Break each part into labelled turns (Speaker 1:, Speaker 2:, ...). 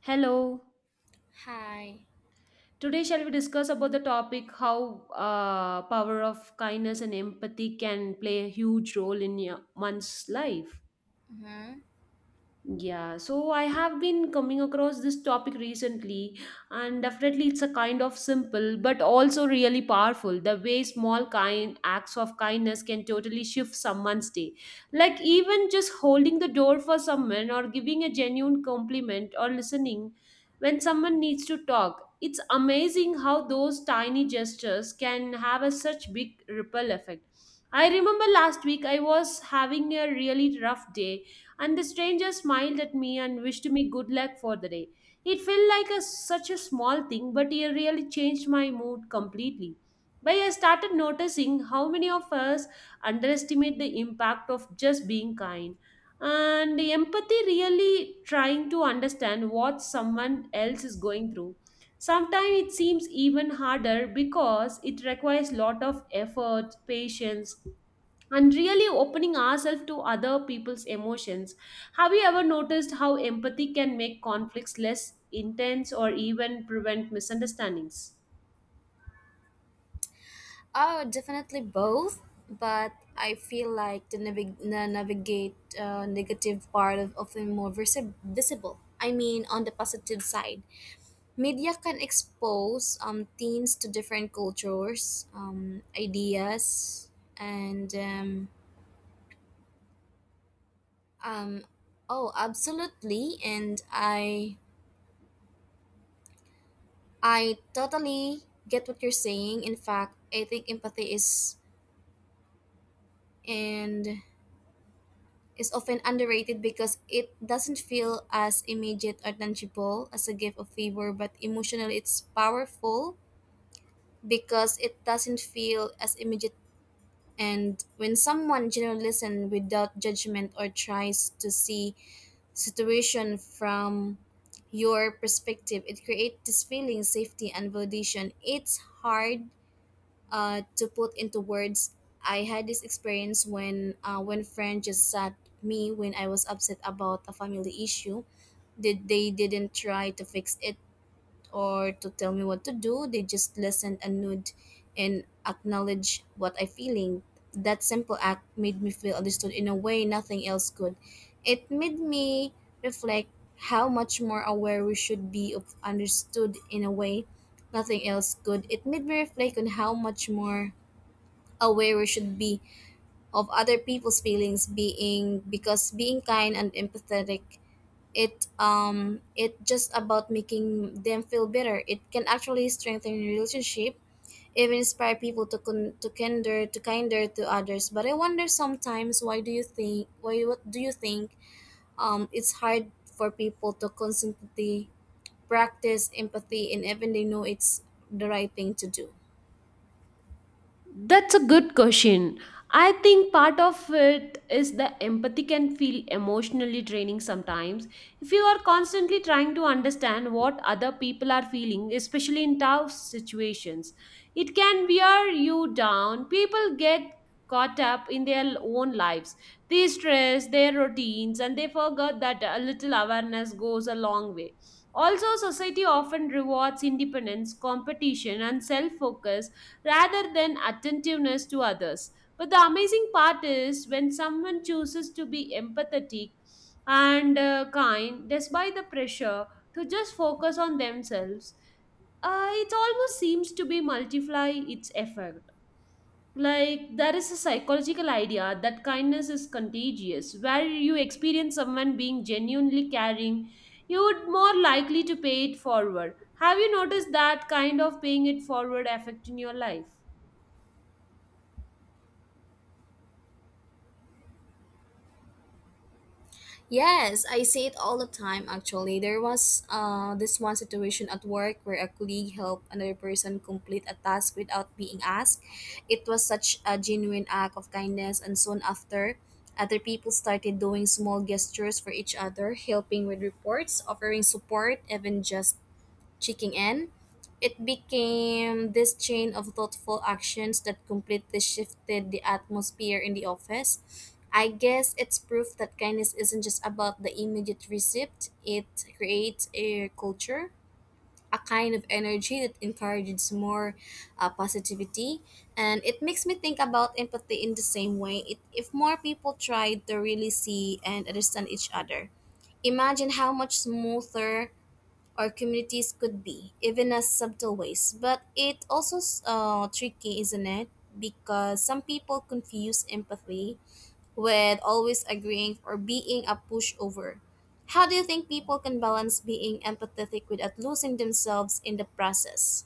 Speaker 1: Hello.
Speaker 2: Hi.
Speaker 1: Today, shall we discuss about the topic how power of kindness and empathy can play a huge role in one's life?
Speaker 2: Hmm.
Speaker 1: Yeah, so I have been coming across this topic recently, and definitely it's a kind of simple but also really powerful. The way small kind acts of kindness can totally shift someone's day. Like even just holding the door for someone or giving a genuine compliment or listening when someone needs to talk. It's amazing how those tiny gestures can have a such big ripple effect. I remember last week I was having a really rough day and the stranger smiled at me and wished me good luck for the day. It felt like such a small thing, but it really changed my mood completely. But I started noticing how many of us underestimate the impact of just being kind. And the empathy really trying to understand what someone else is going through. Sometimes it seems even harder because it requires lot of effort, patience, and really opening ourselves to other people's emotions. Have you ever noticed how empathy can make conflicts less intense or even prevent misunderstandings?
Speaker 2: Oh, definitely both. But I feel like the navigate negative part of often more visible. I mean, on the positive side, media can expose teens to different cultures, ideas, and um, oh, absolutely. And I totally get what you're saying. In fact, I think empathy and is often underrated because it doesn't feel as immediate or tangible as a gift of favor, but emotionally it's powerful because it doesn't feel as immediate. And when someone generally listens without judgment or tries to see situation from your perspective, it creates this feeling safety and validation. It's hard to put into words. I had this experience when friend just sat me when I was upset about a family issue. Did they didn't try to fix it or to tell me what to do. They just listen and nod and acknowledge what I'm feeling. That simple act made me feel understood in a way nothing else could. It made me reflect how much more aware we should be of Understood in a way nothing else could. It made me reflect on how much more aware we should be of other people's feelings being because being kind and empathetic, it just about making them feel better. It can actually strengthen relationship, even inspire people to con- to kinder to kinder to others. But I wonder sometimes, why do you think why what do you think, it's hard for people to constantly practice empathy, and even they know it's the right thing to do?
Speaker 1: That's a good question. I think part of it is the empathy can feel emotionally draining sometimes. If you are constantly trying to understand what other people are feeling, especially in tough situations, it can wear you down. People get caught up in their own lives, they stress, their routines, and they forget that a little awareness goes a long way. Also, society often rewards independence, competition, and self focus rather than attentiveness to others. But the amazing part is when someone chooses to be empathetic and kind despite the pressure to just focus on themselves, it almost seems to be multiply its effect. Like there is a psychological idea that kindness is contagious, where you experience someone being genuinely caring, you would more likely to pay it forward. Have you noticed that kind of paying it forward effect in your life?
Speaker 2: Yes, I see it all the time actually. There was this one situation at work where a colleague helped another person complete a task without being asked. It was such a genuine act of kindness, and soon after, other people started doing small gestures for each other, helping with reports, offering support, even just checking in. It became this chain of thoughtful actions that completely shifted the atmosphere in the office. I guess it's proof that kindness isn't just about the immediate receipt, it creates a culture, a kind of energy that encourages more positivity. And it makes me think about empathy in the same way. It, if more people tried to really see and understand each other, imagine how much smoother or communities could be, even as subtle ways. But it also tricky, isn't it? Because some people confuse empathy with always agreeing or being a pushover. How do you think people can balance being empathetic without losing themselves in the process?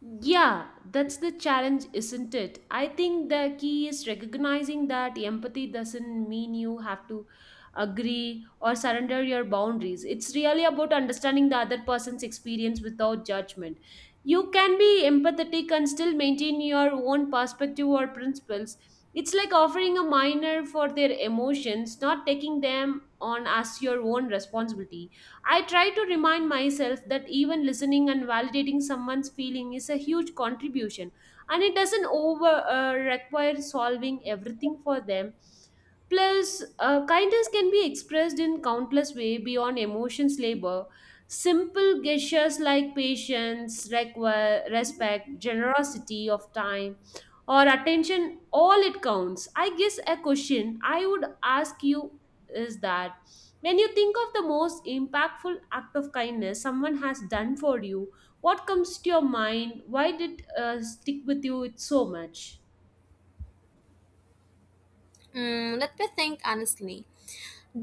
Speaker 1: Yeah, that's the challenge, isn't it? I think the key is recognizing that empathy doesn't mean you have to agree or surrender your boundaries. It's really about understanding the other person's experience without judgment. You can be empathetic and still maintain your own perspective or principles. It's like offering a minor for their emotions, not taking them on as your own responsibility. I try to remind myself that even listening and validating someone's feeling is a huge contribution and it doesn't over require solving everything for them. Plus, kindness can be expressed in countless ways beyond emotions labor. Simple gestures like patience, respect, generosity of time, or attention, all it counts. I guess a question I would ask you is that when you think of the most impactful act of kindness someone has done for you, what comes to your mind? Why did stick with you so much?
Speaker 2: Mm, let me think honestly.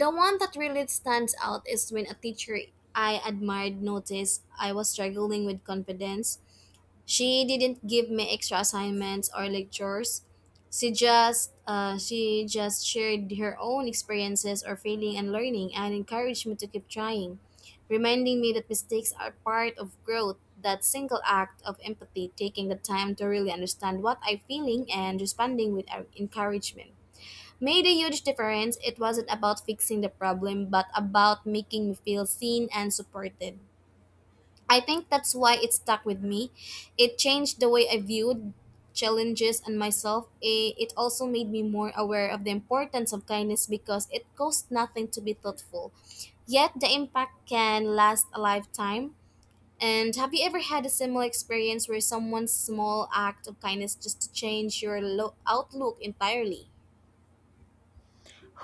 Speaker 2: The one that really stands out is when a teacher I admired noticed I was struggling with confidence. She didn't give me extra assignments or lectures. She just shared her own experiences or failing and learning and encouraged me to keep trying, reminding me that mistakes are part of growth. That single act of empathy, taking the time to really understand what I'm feeling and responding with encouragement, made a huge difference. It wasn't about fixing the problem, but about making me feel seen and supported. I think that's why it stuck with me. It changed the way I viewed challenges and myself. It also made me more aware of the importance of kindness because it costs nothing to be thoughtful. Yet the impact can last a lifetime. And have you ever had a similar experience where someone's small act of kindness just changed your outlook entirely?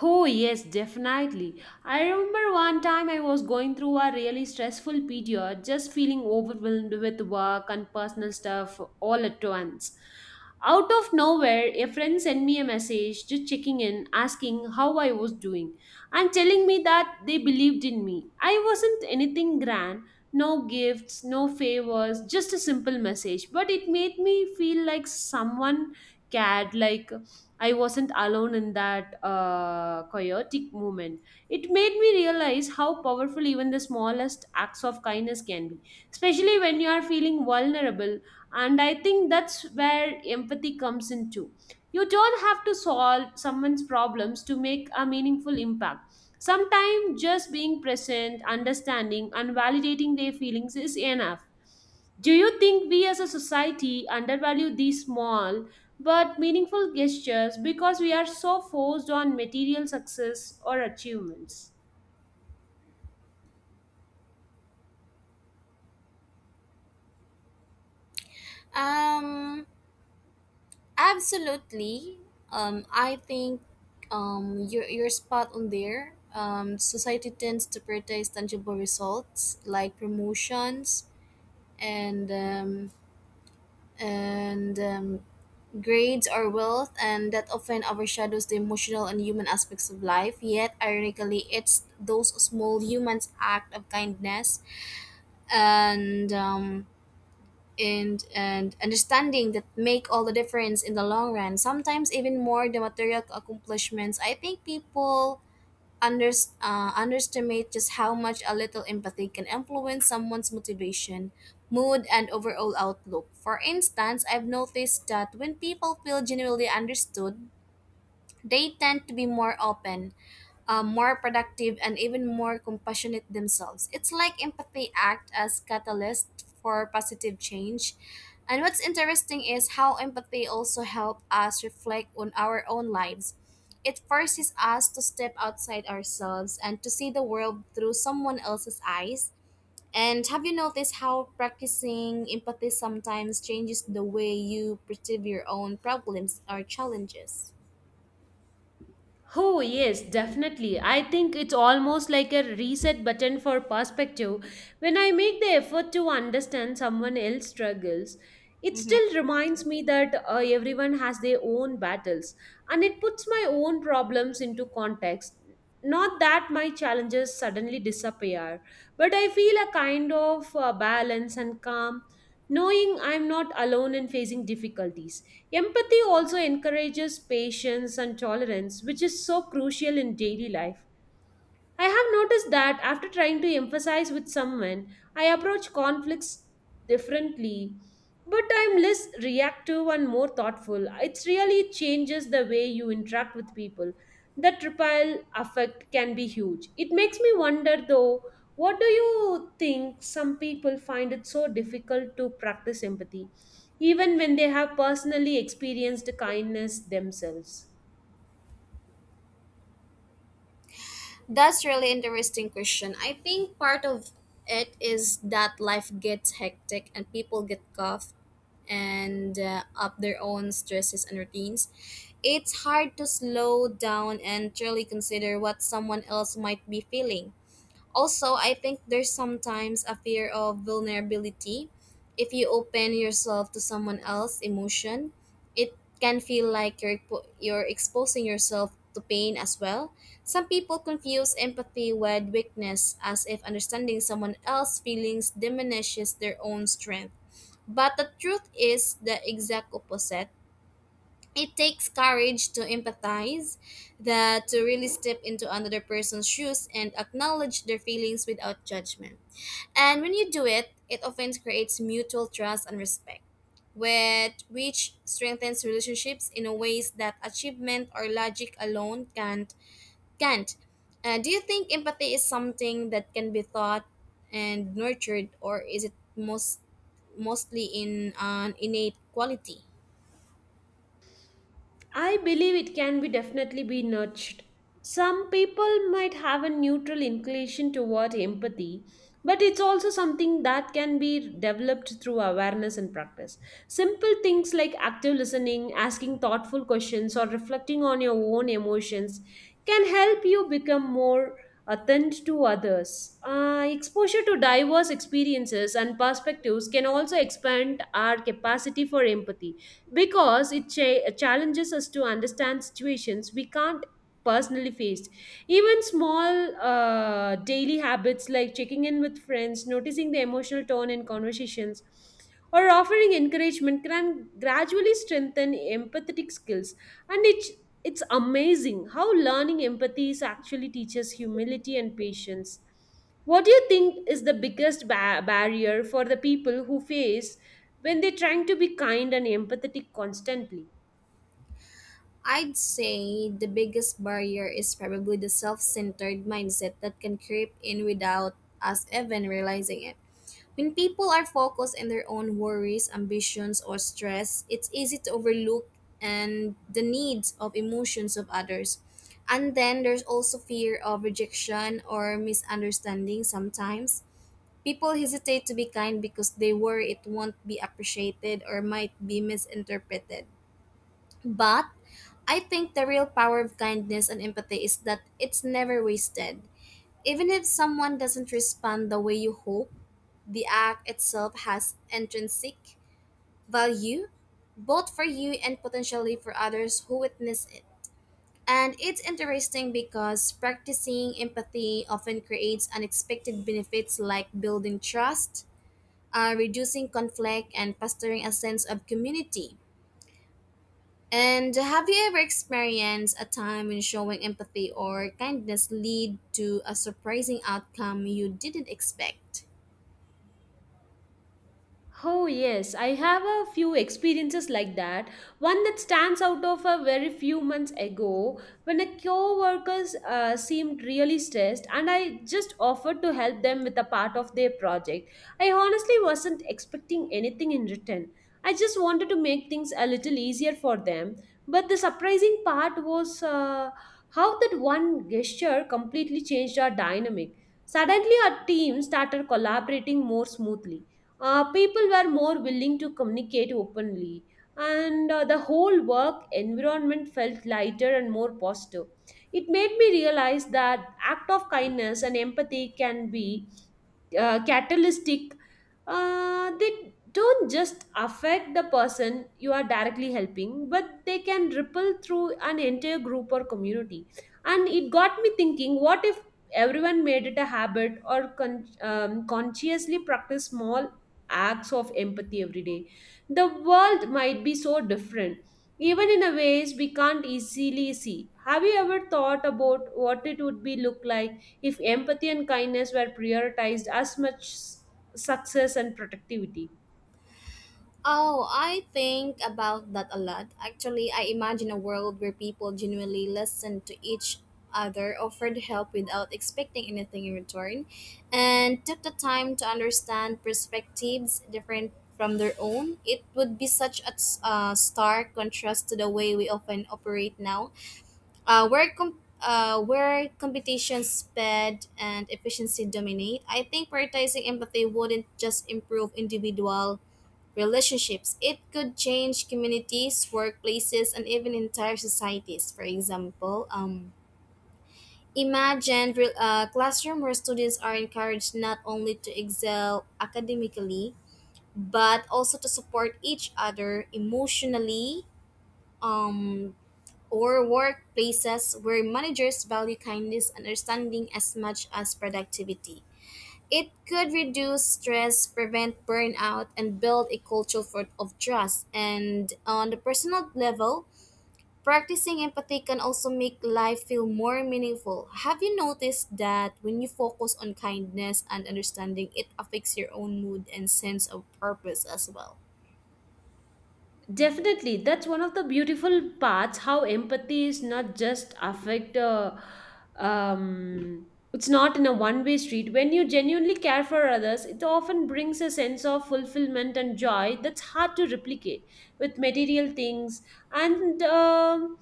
Speaker 1: Oh, yes, definitely. I remember one time I was going through a really stressful period, just feeling overwhelmed with work and personal stuff all at once. Out of nowhere, a friend sent me a message just checking in, asking how I was doing, and telling me that they believed in me. I wasn't anything grand, no gifts, no favors, just a simple message, but it made me feel like someone cared, like I wasn't alone in that chaotic moment. It made me realize how powerful even the smallest acts of kindness can be, especially when you are feeling vulnerable. And I think that's where empathy comes into. You don't have to solve someone's problems to make a meaningful impact. Sometimes just being present, understanding, and validating their feelings is enough. Do you think we as a society undervalue these small but meaningful gestures because we are so forced on material success or achievements?
Speaker 2: Um, Absolutely. I think you're spot on there. Society tends to prioritize tangible results like promotions and um, and grades or wealth, and that often overshadows the emotional and human aspects of life. Yet, ironically, it's those small humans act of kindness and um, and understanding that make all the difference in the long run, sometimes even more the material accomplishments. I think people under, underestimate just how much a little empathy can influence someone's motivation, mood, and overall outlook. For instance, I've noticed that when people feel genuinely understood, they tend to be more open, more productive, and even more compassionate themselves. It's like empathy act as catalyst for positive change. And what's interesting is how empathy also help us reflect on our own lives. It forces us to step outside ourselves and to see the world through someone else's eyes. And have you noticed how practicing empathy sometimes changes the way you perceive your own problems or challenges?
Speaker 1: Oh, yes, definitely. I think it's almost like a reset button for perspective. When I make the effort to understand someone else's struggles, it still reminds me that everyone has their own battles and it puts my own problems into context. Not that my challenges suddenly disappear, but I feel a kind of balance and calm knowing I'm not alone in facing difficulties. Empathy also encourages patience and tolerance, which is so crucial in daily life. I have noticed that after trying to emphasize with someone, I approach conflicts differently, but I'm less reactive and more thoughtful. It really changes the way you interact with people. The triple effect can be huge. It makes me wonder though, what do you think some people find it so difficult to practice empathy, even when they have personally experienced kindness themselves?
Speaker 2: That's really interesting question. I think part of it is that life gets hectic and people get cuffed and up their own stresses and routines. It's hard to slow down and truly consider what someone else might be feeling. Also, I think there's sometimes a fear of vulnerability. If you open yourself to someone else's emotion, it can feel like you're exposing yourself to pain as well. Some people confuse empathy with weakness as if understanding someone else's feelings diminishes their own strength. But the truth is the exact opposite. It takes courage to empathize, that to really step into another person's shoes and acknowledge their feelings without judgment. And when you do it, it often creates mutual trust and respect, with which strengthens relationships in a ways that achievement or logic alone can't. Do you think empathy is something that can be taught and nurtured, or is it mostly in an innate quality?
Speaker 1: I believe it can be definitely be nurtured. Some people might have a neutral inclination toward empathy, but it's also something that can be developed through awareness and practice. Simple things like active listening, asking thoughtful questions, or reflecting on your own emotions can help you become more attuned to others. Exposure to diverse experiences and perspectives can also expand our capacity for empathy because it challenges us to understand situations we can't personally face. Even small daily habits like checking in with friends, noticing the emotional tone in conversations, or offering encouragement can gradually strengthen empathetic skills. And it's amazing how learning empathy is actually teaches humility and patience. What do you think is the biggest barrier for the people who face when they're trying to be kind and empathetic constantly?
Speaker 2: I'd say the biggest barrier is probably the self centered mindset that can creep in without us even realizing it. When people are focused on their own worries, ambitions, or stress, it's easy to overlook and the needs of emotions of others. And then there's also fear of rejection or misunderstanding sometimes. People hesitate to be kind because they worry it won't be appreciated or might be misinterpreted. But I think the real power of kindness and empathy is that it's never wasted. Even if someone doesn't respond the way you hope, the act itself has intrinsic value, both for you and potentially for others who witness it. And it's interesting because practicing empathy often creates unexpected benefits like building trust, reducing conflict, and fostering a sense of community. And have you ever experienced a time when showing empathy or kindness lead to a surprising outcome you didn't expect?
Speaker 1: Oh, yes, I have a few experiences like that. One that stands out of a very few months ago when a co-workers seemed really stressed and I just offered to help them with a part of their project. I honestly wasn't expecting anything in return. I just wanted to make things a little easier for them. But the surprising part was how that one gesture completely changed our dynamic. Suddenly, our team started collaborating more smoothly, people were more willing to communicate openly, and the whole work environment felt lighter and more positive. It made me realize that act of kindness and empathy can be, catalytic. They don't just affect the person you are directly helping, but they can ripple through an entire group or community. And it got me thinking, what if everyone made it a habit or consciously practice small acts of empathy every day. The world might be so different, even in a ways we can't easily see. Have you ever thought about what it would be look like if empathy and kindness were prioritized as much success and productivity?
Speaker 2: Oh, I think about that a lot. Actually, I imagine a world where people genuinely listen to each other, offered help without expecting anything in return, and took the time to understand perspectives different from their own. It would be such a stark contrast to the way we often operate now. Where competition speed, and efficiency dominate, I think prioritizing empathy wouldn't just improve individual relationships. It could change communities, workplaces, and even entire societies. For example, imagine a classroom where students are encouraged not only to excel academically, but also to support each other emotionally, um, or workplaces where managers value kindness and understanding as much as productivity. It could reduce stress, prevent burnout, and build a culture of trust. And on the personal level, practicing empathy can also make life feel more meaningful. Have you noticed that when you focus on kindness and understanding, it affects your own mood and sense of purpose as well?
Speaker 1: Definitely, that's one of the beautiful parts. How empathy is not just affect. Um, it's not in a one-way street. When you genuinely care for others, it often brings a sense of fulfillment and joy that's hard to replicate with material things. And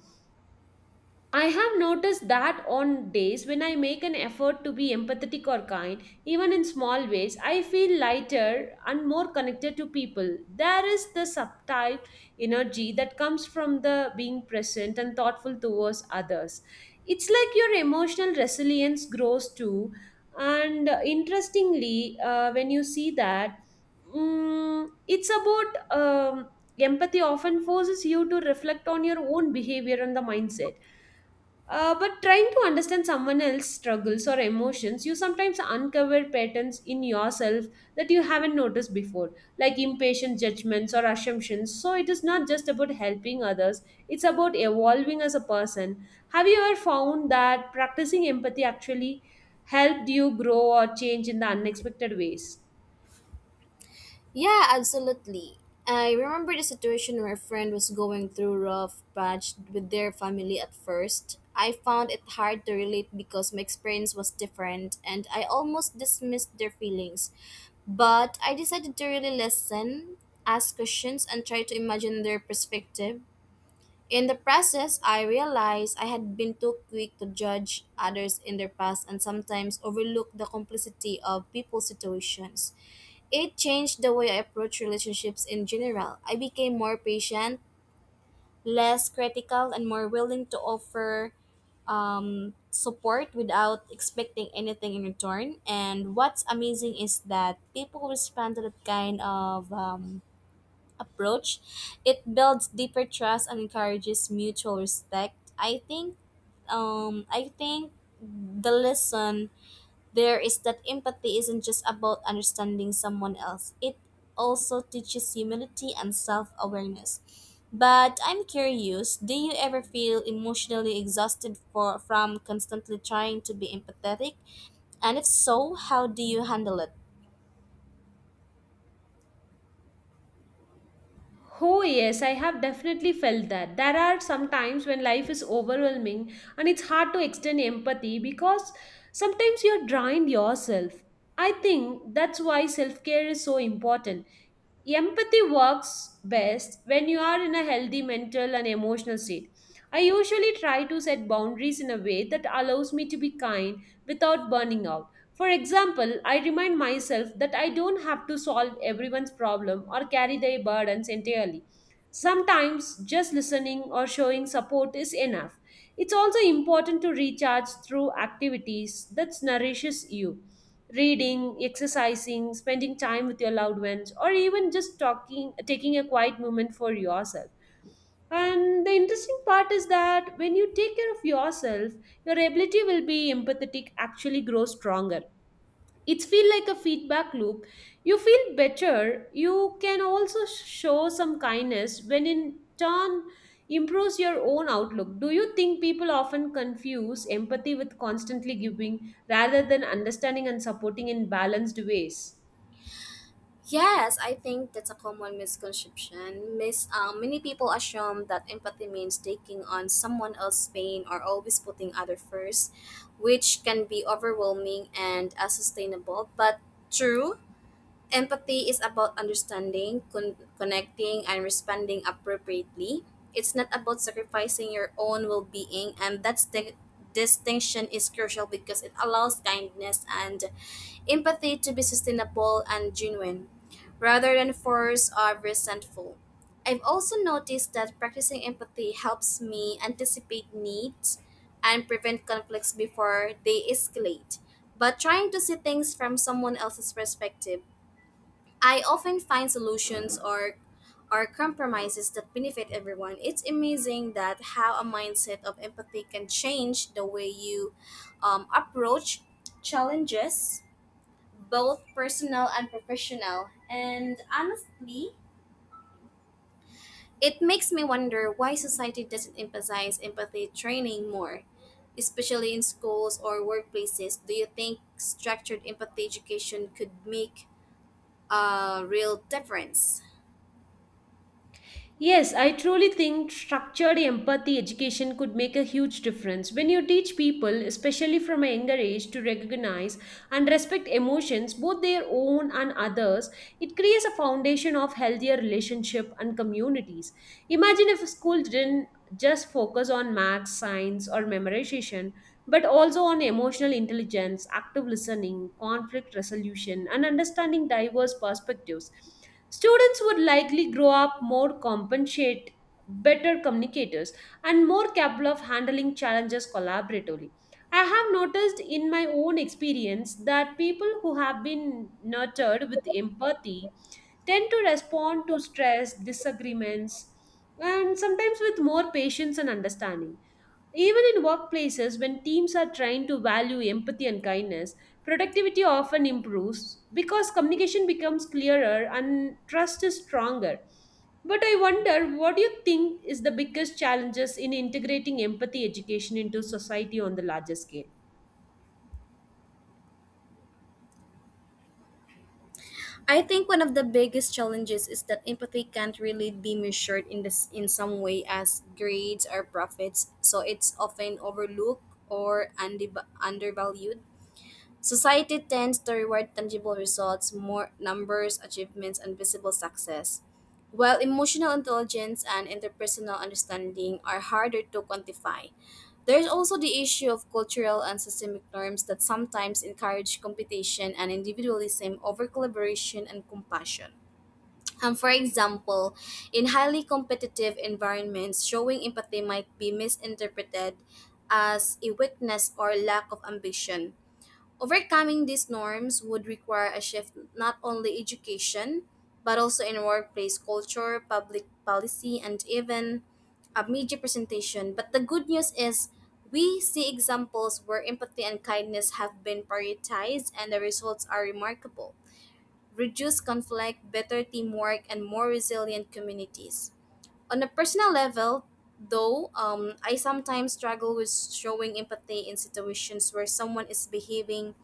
Speaker 1: I have noticed that on days when I make an effort to be empathetic or kind, even in small ways, I feel lighter and more connected to people. There is the subtle energy that comes from the being present and thoughtful towards others. It's like your emotional resilience grows too. And interestingly, when you see that, it's about, empathy often forces you to reflect on your own behavior and the mindset. But trying to understand someone else's struggles or emotions, you sometimes uncover patterns in yourself that you haven't noticed before, like impatient judgments or assumptions. So it is not just about helping others, it's about evolving as a person. Have you ever found that practicing empathy actually helped you grow or change in the unexpected ways?
Speaker 2: Yeah, absolutely. I remember the situation where a friend was going through rough patch with their family at first. I found it hard to relate because my experience was different and I almost dismissed their feelings. But I decided to really listen, ask questions, and try to imagine their perspective. In the process, I realized I had been too quick to judge others in their past and sometimes overlook the complexity of people's situations. It changed the way I approach relationships in general. I became more patient, less critical, and more willing to offer support without expecting anything in return. And what's amazing is that people respond to that kind of approach. It builds deeper trust and encourages mutual respect. I think the lesson there is that empathy isn't just about understanding someone else, it also teaches humility and self awareness. But I'm curious, do you ever feel emotionally exhausted from constantly trying to be empathetic? And if so, how do you handle it?
Speaker 1: Oh, yes, I have definitely felt that. There are some times when life is overwhelming and it's hard to extend empathy because sometimes you're drained yourself. I think that's why self care is so important. Empathy works best when you are in a healthy mental and emotional state. I usually try to set boundaries in a way that allows me to be kind without burning out. For example, I remind myself that I don't have to solve everyone's problem or carry their burdens entirely. Sometimes just listening or showing support is enough. It's also important to recharge through activities that nourishes you. Reading, exercising, spending time with your loved ones, or even just talking taking a quiet moment for yourself. And the interesting part is that when you take care of yourself, your ability will be empathetic actually grows stronger. It's feel like a feedback loop. You feel better, you can also show some kindness, when in turn improves your own outlook. Do you think people often confuse empathy with constantly giving rather than understanding and supporting in balanced ways?
Speaker 2: Yes, I think that's a common misconception. Many people assume that empathy means taking on someone else's pain or always putting other first, which can be overwhelming and unsustainable. But true, empathy is about understanding, connecting, and responding appropriately. It's not about sacrificing your own well-being, and that distinction is crucial because it allows kindness and empathy to be sustainable and genuine, rather than forced or resentful. I've also noticed that practicing empathy helps me anticipate needs and prevent conflicts before they escalate. But trying to see things from someone else's perspective, I often find solutions or compromises that benefit everyone. It's amazing that how a mindset of empathy can change the way you approach challenges both personal and professional. And honestly, it makes me wonder why society doesn't emphasize empathy training more, especially in schools or workplaces. Do you think structured empathy education could make a real difference?
Speaker 1: Yes, I truly think structured empathy education could make a huge difference. When you teach people, especially from a younger age, to recognize and respect emotions, both their own and others, it creates a foundation of healthier relationship and communities. Imagine if a school didn't just focus on maths, science, or memorization, but also on emotional intelligence, active listening, conflict resolution, and understanding diverse perspectives. Students would likely grow up more compensate, better communicators, and more capable of handling challenges collaboratively. I have noticed in my own experience that people who have been nurtured with empathy tend to respond to stress, disagreements, and sometimes with more patience and understanding. Even in workplaces, when teams are trained to value empathy and kindness, productivity often improves because communication becomes clearer and trust is stronger. But I wonder, what do you think is the biggest challenges in integrating empathy education into society on the larger scale?
Speaker 2: I think one of the biggest challenges is that empathy can't really be measured in this in some way as grades or profits, so it's often overlooked or undervalued. Society tends to reward tangible results, more numbers, achievements, and visible success, while emotional intelligence and interpersonal understanding are harder to quantify. There's also the issue of cultural and systemic norms that sometimes encourage competition and individualism over collaboration and compassion. For example, in highly competitive environments, showing empathy might be misinterpreted as a weakness or lack of ambition. Overcoming these norms would require a shift not only education, but also in workplace culture, public policy, and even a media presentation. But the good news is we see examples where empathy and kindness have been prioritized and the results are remarkable. Reduced conflict, better teamwork, and more resilient communities. On a personal level, though, I sometimes struggle with showing empathy in situations where someone is behaving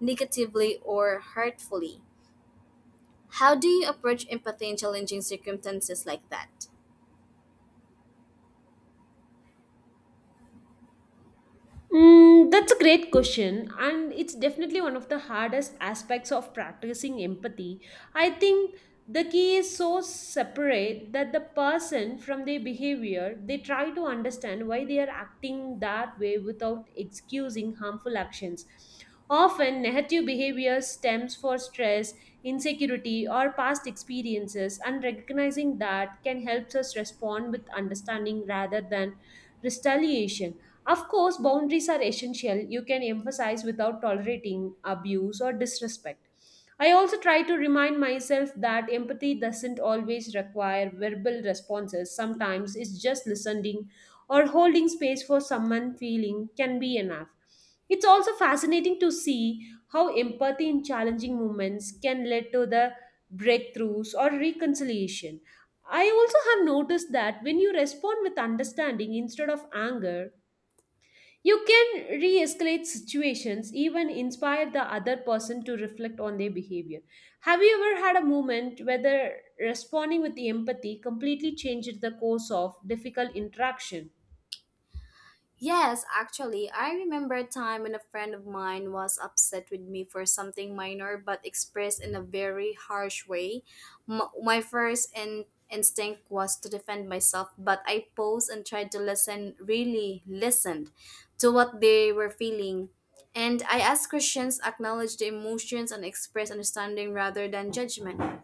Speaker 2: negatively or hurtfully. How do you approach empathy in challenging circumstances like that?
Speaker 1: Mm, that's a great question, and it's definitely one of the hardest aspects of practicing empathy. I think the key is so separate that the person from their behavior, they try to understand why they are acting that way without excusing harmful actions. Often, negative behavior stems for stress, insecurity, or past experiences, and recognizing that can help us respond with understanding rather than retaliation of course, boundaries are essential. You can emphasize without tolerating abuse or disrespect. I also try to remind myself that empathy doesn't always require verbal responses. Sometimes it's just listening or holding space for someone feeling can be enough. It's also fascinating to see how empathy in challenging moments can lead to the breakthroughs or reconciliation. I also have noticed that when you respond with understanding instead of anger, you can re escalate situations, even inspire the other person to reflect on their behavior. Have you ever had a moment whether responding with empathy completely changed the course of difficult interaction?
Speaker 2: Yes, actually, I remember a time when a friend of mine was upset with me for something minor but expressed in a very harsh way. My first instinct was to defend myself, but I paused and tried to listen, really listened to what they were feeling. And I asked Christians acknowledge the emotions and express understanding rather than judgment.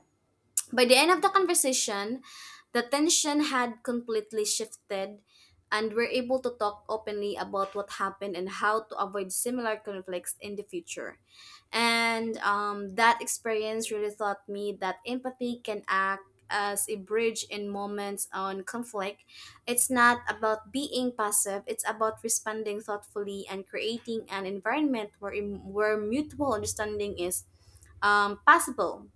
Speaker 2: By the end of the conversation, the tension had completely shifted, and we're able to talk openly about what happened and how to avoid similar conflicts in the future. And That experience really taught me that empathy can act as a bridge in moments on conflict. It's not about being passive, it's about responding thoughtfully and creating an environment where mutual understanding is possible.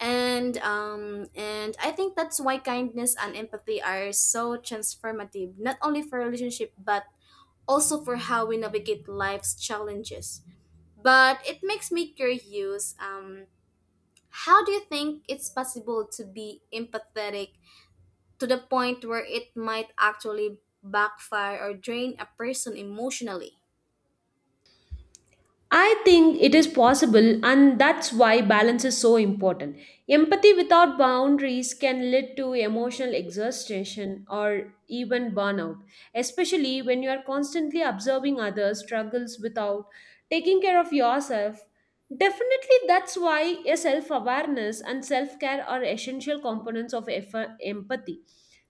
Speaker 2: And I think that's why kindness and empathy are so transformative, not only for relationship but also for how we navigate life's challenges. But it makes me curious. How do you think it's possible to be empathetic to the point where it might actually backfire or drain a person emotionally?
Speaker 1: I think it is possible, and that's why balance is so important. Empathy without boundaries can lead to emotional exhaustion or even burnout, especially when you are constantly observing others' struggles without taking care of yourself. Definitely, that's why a self awareness and self care are essential components of empathy.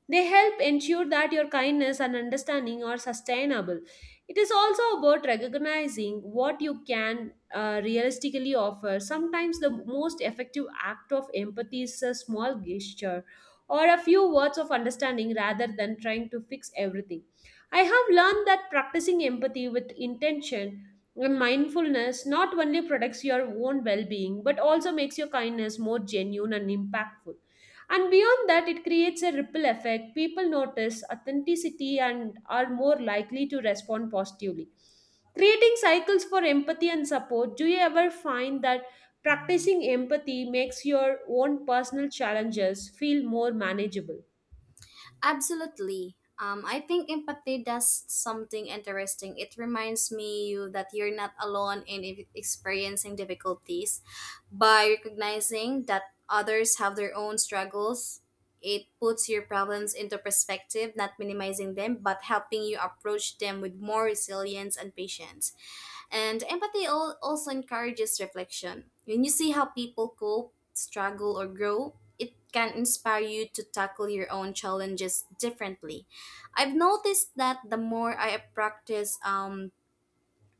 Speaker 1: They help ensure that your kindness and understanding are sustainable. It is also about recognizing what you can realistically offer. Sometimes the most effective act of empathy is a small gesture or a few words of understanding rather than trying to fix everything. I have learned that practicing empathy with intention and mindfulness not only protects your own well being but also makes your kindness more genuine and impactful. And beyond that, it creates a ripple effect. People notice authenticity and are more likely to respond positively. Creating cycles for empathy and support, do you ever find that practicing empathy makes your own personal challenges feel more manageable?
Speaker 2: Absolutely. I think empathy does something interesting. It reminds me you that you're not alone in experiencing difficulties. By recognizing that others have their own struggles, it puts your problems into perspective, not minimizing them, but helping you approach them with more resilience and patience. And empathy also encourages reflection. When you see how people cope, struggle, or grow, it can inspire you to tackle your own challenges differently. I've noticed that the more I practice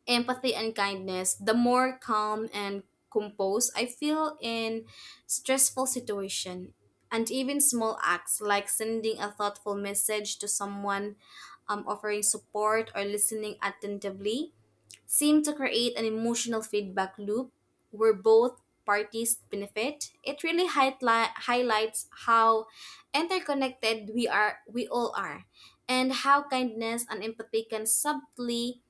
Speaker 2: empathy and kindness, the more calm and composed I feel in stressful situation. And even small acts like sending a thoughtful message to someone, offering support, or listening attentively seem to create an emotional feedback loop where both parties benefit. It really highlights how interconnected we all are, and how kindness and empathy can subtly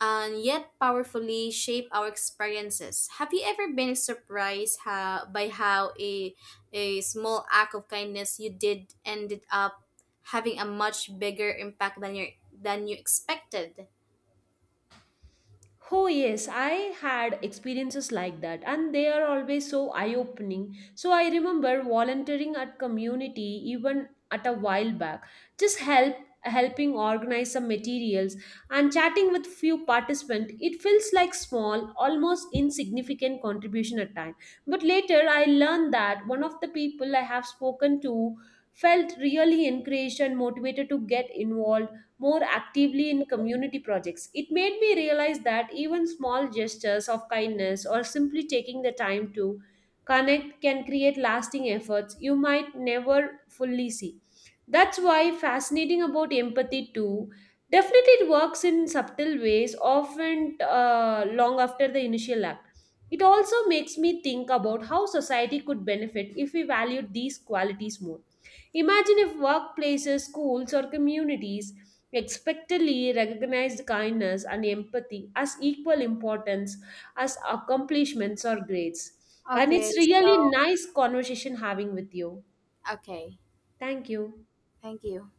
Speaker 2: and yet powerfully shape our experiences. Have you ever been surprised by how a small act of kindness you did ended up having a much bigger impact than you expected?
Speaker 1: Oh, yes, I had experiences like that, and they are always so eye opening. So, I remember volunteering at community even at a while back, just help helping organize some materials and chatting with few participants it feels like small almost insignificant contribution at time but later I learned that one of the people I have spoken to felt really encouraged and motivated to get involved more actively in community projects. It made me realize that even small gestures of kindness or simply taking the time to connect can create lasting efforts you might never fully see. That's why fascinating about empathy too. Definitely, it works in subtle ways, often long after the initial act. It also makes me think about how society could benefit if we valued these qualities more. Imagine if workplaces, schools, or communities we expectedly recognized kindness and empathy as equal importance as accomplishments or grades. And
Speaker 2: Okay,
Speaker 1: it's
Speaker 2: so.
Speaker 1: really nice conversation having with you.
Speaker 2: Okay.
Speaker 1: Thank you.
Speaker 2: Thank you.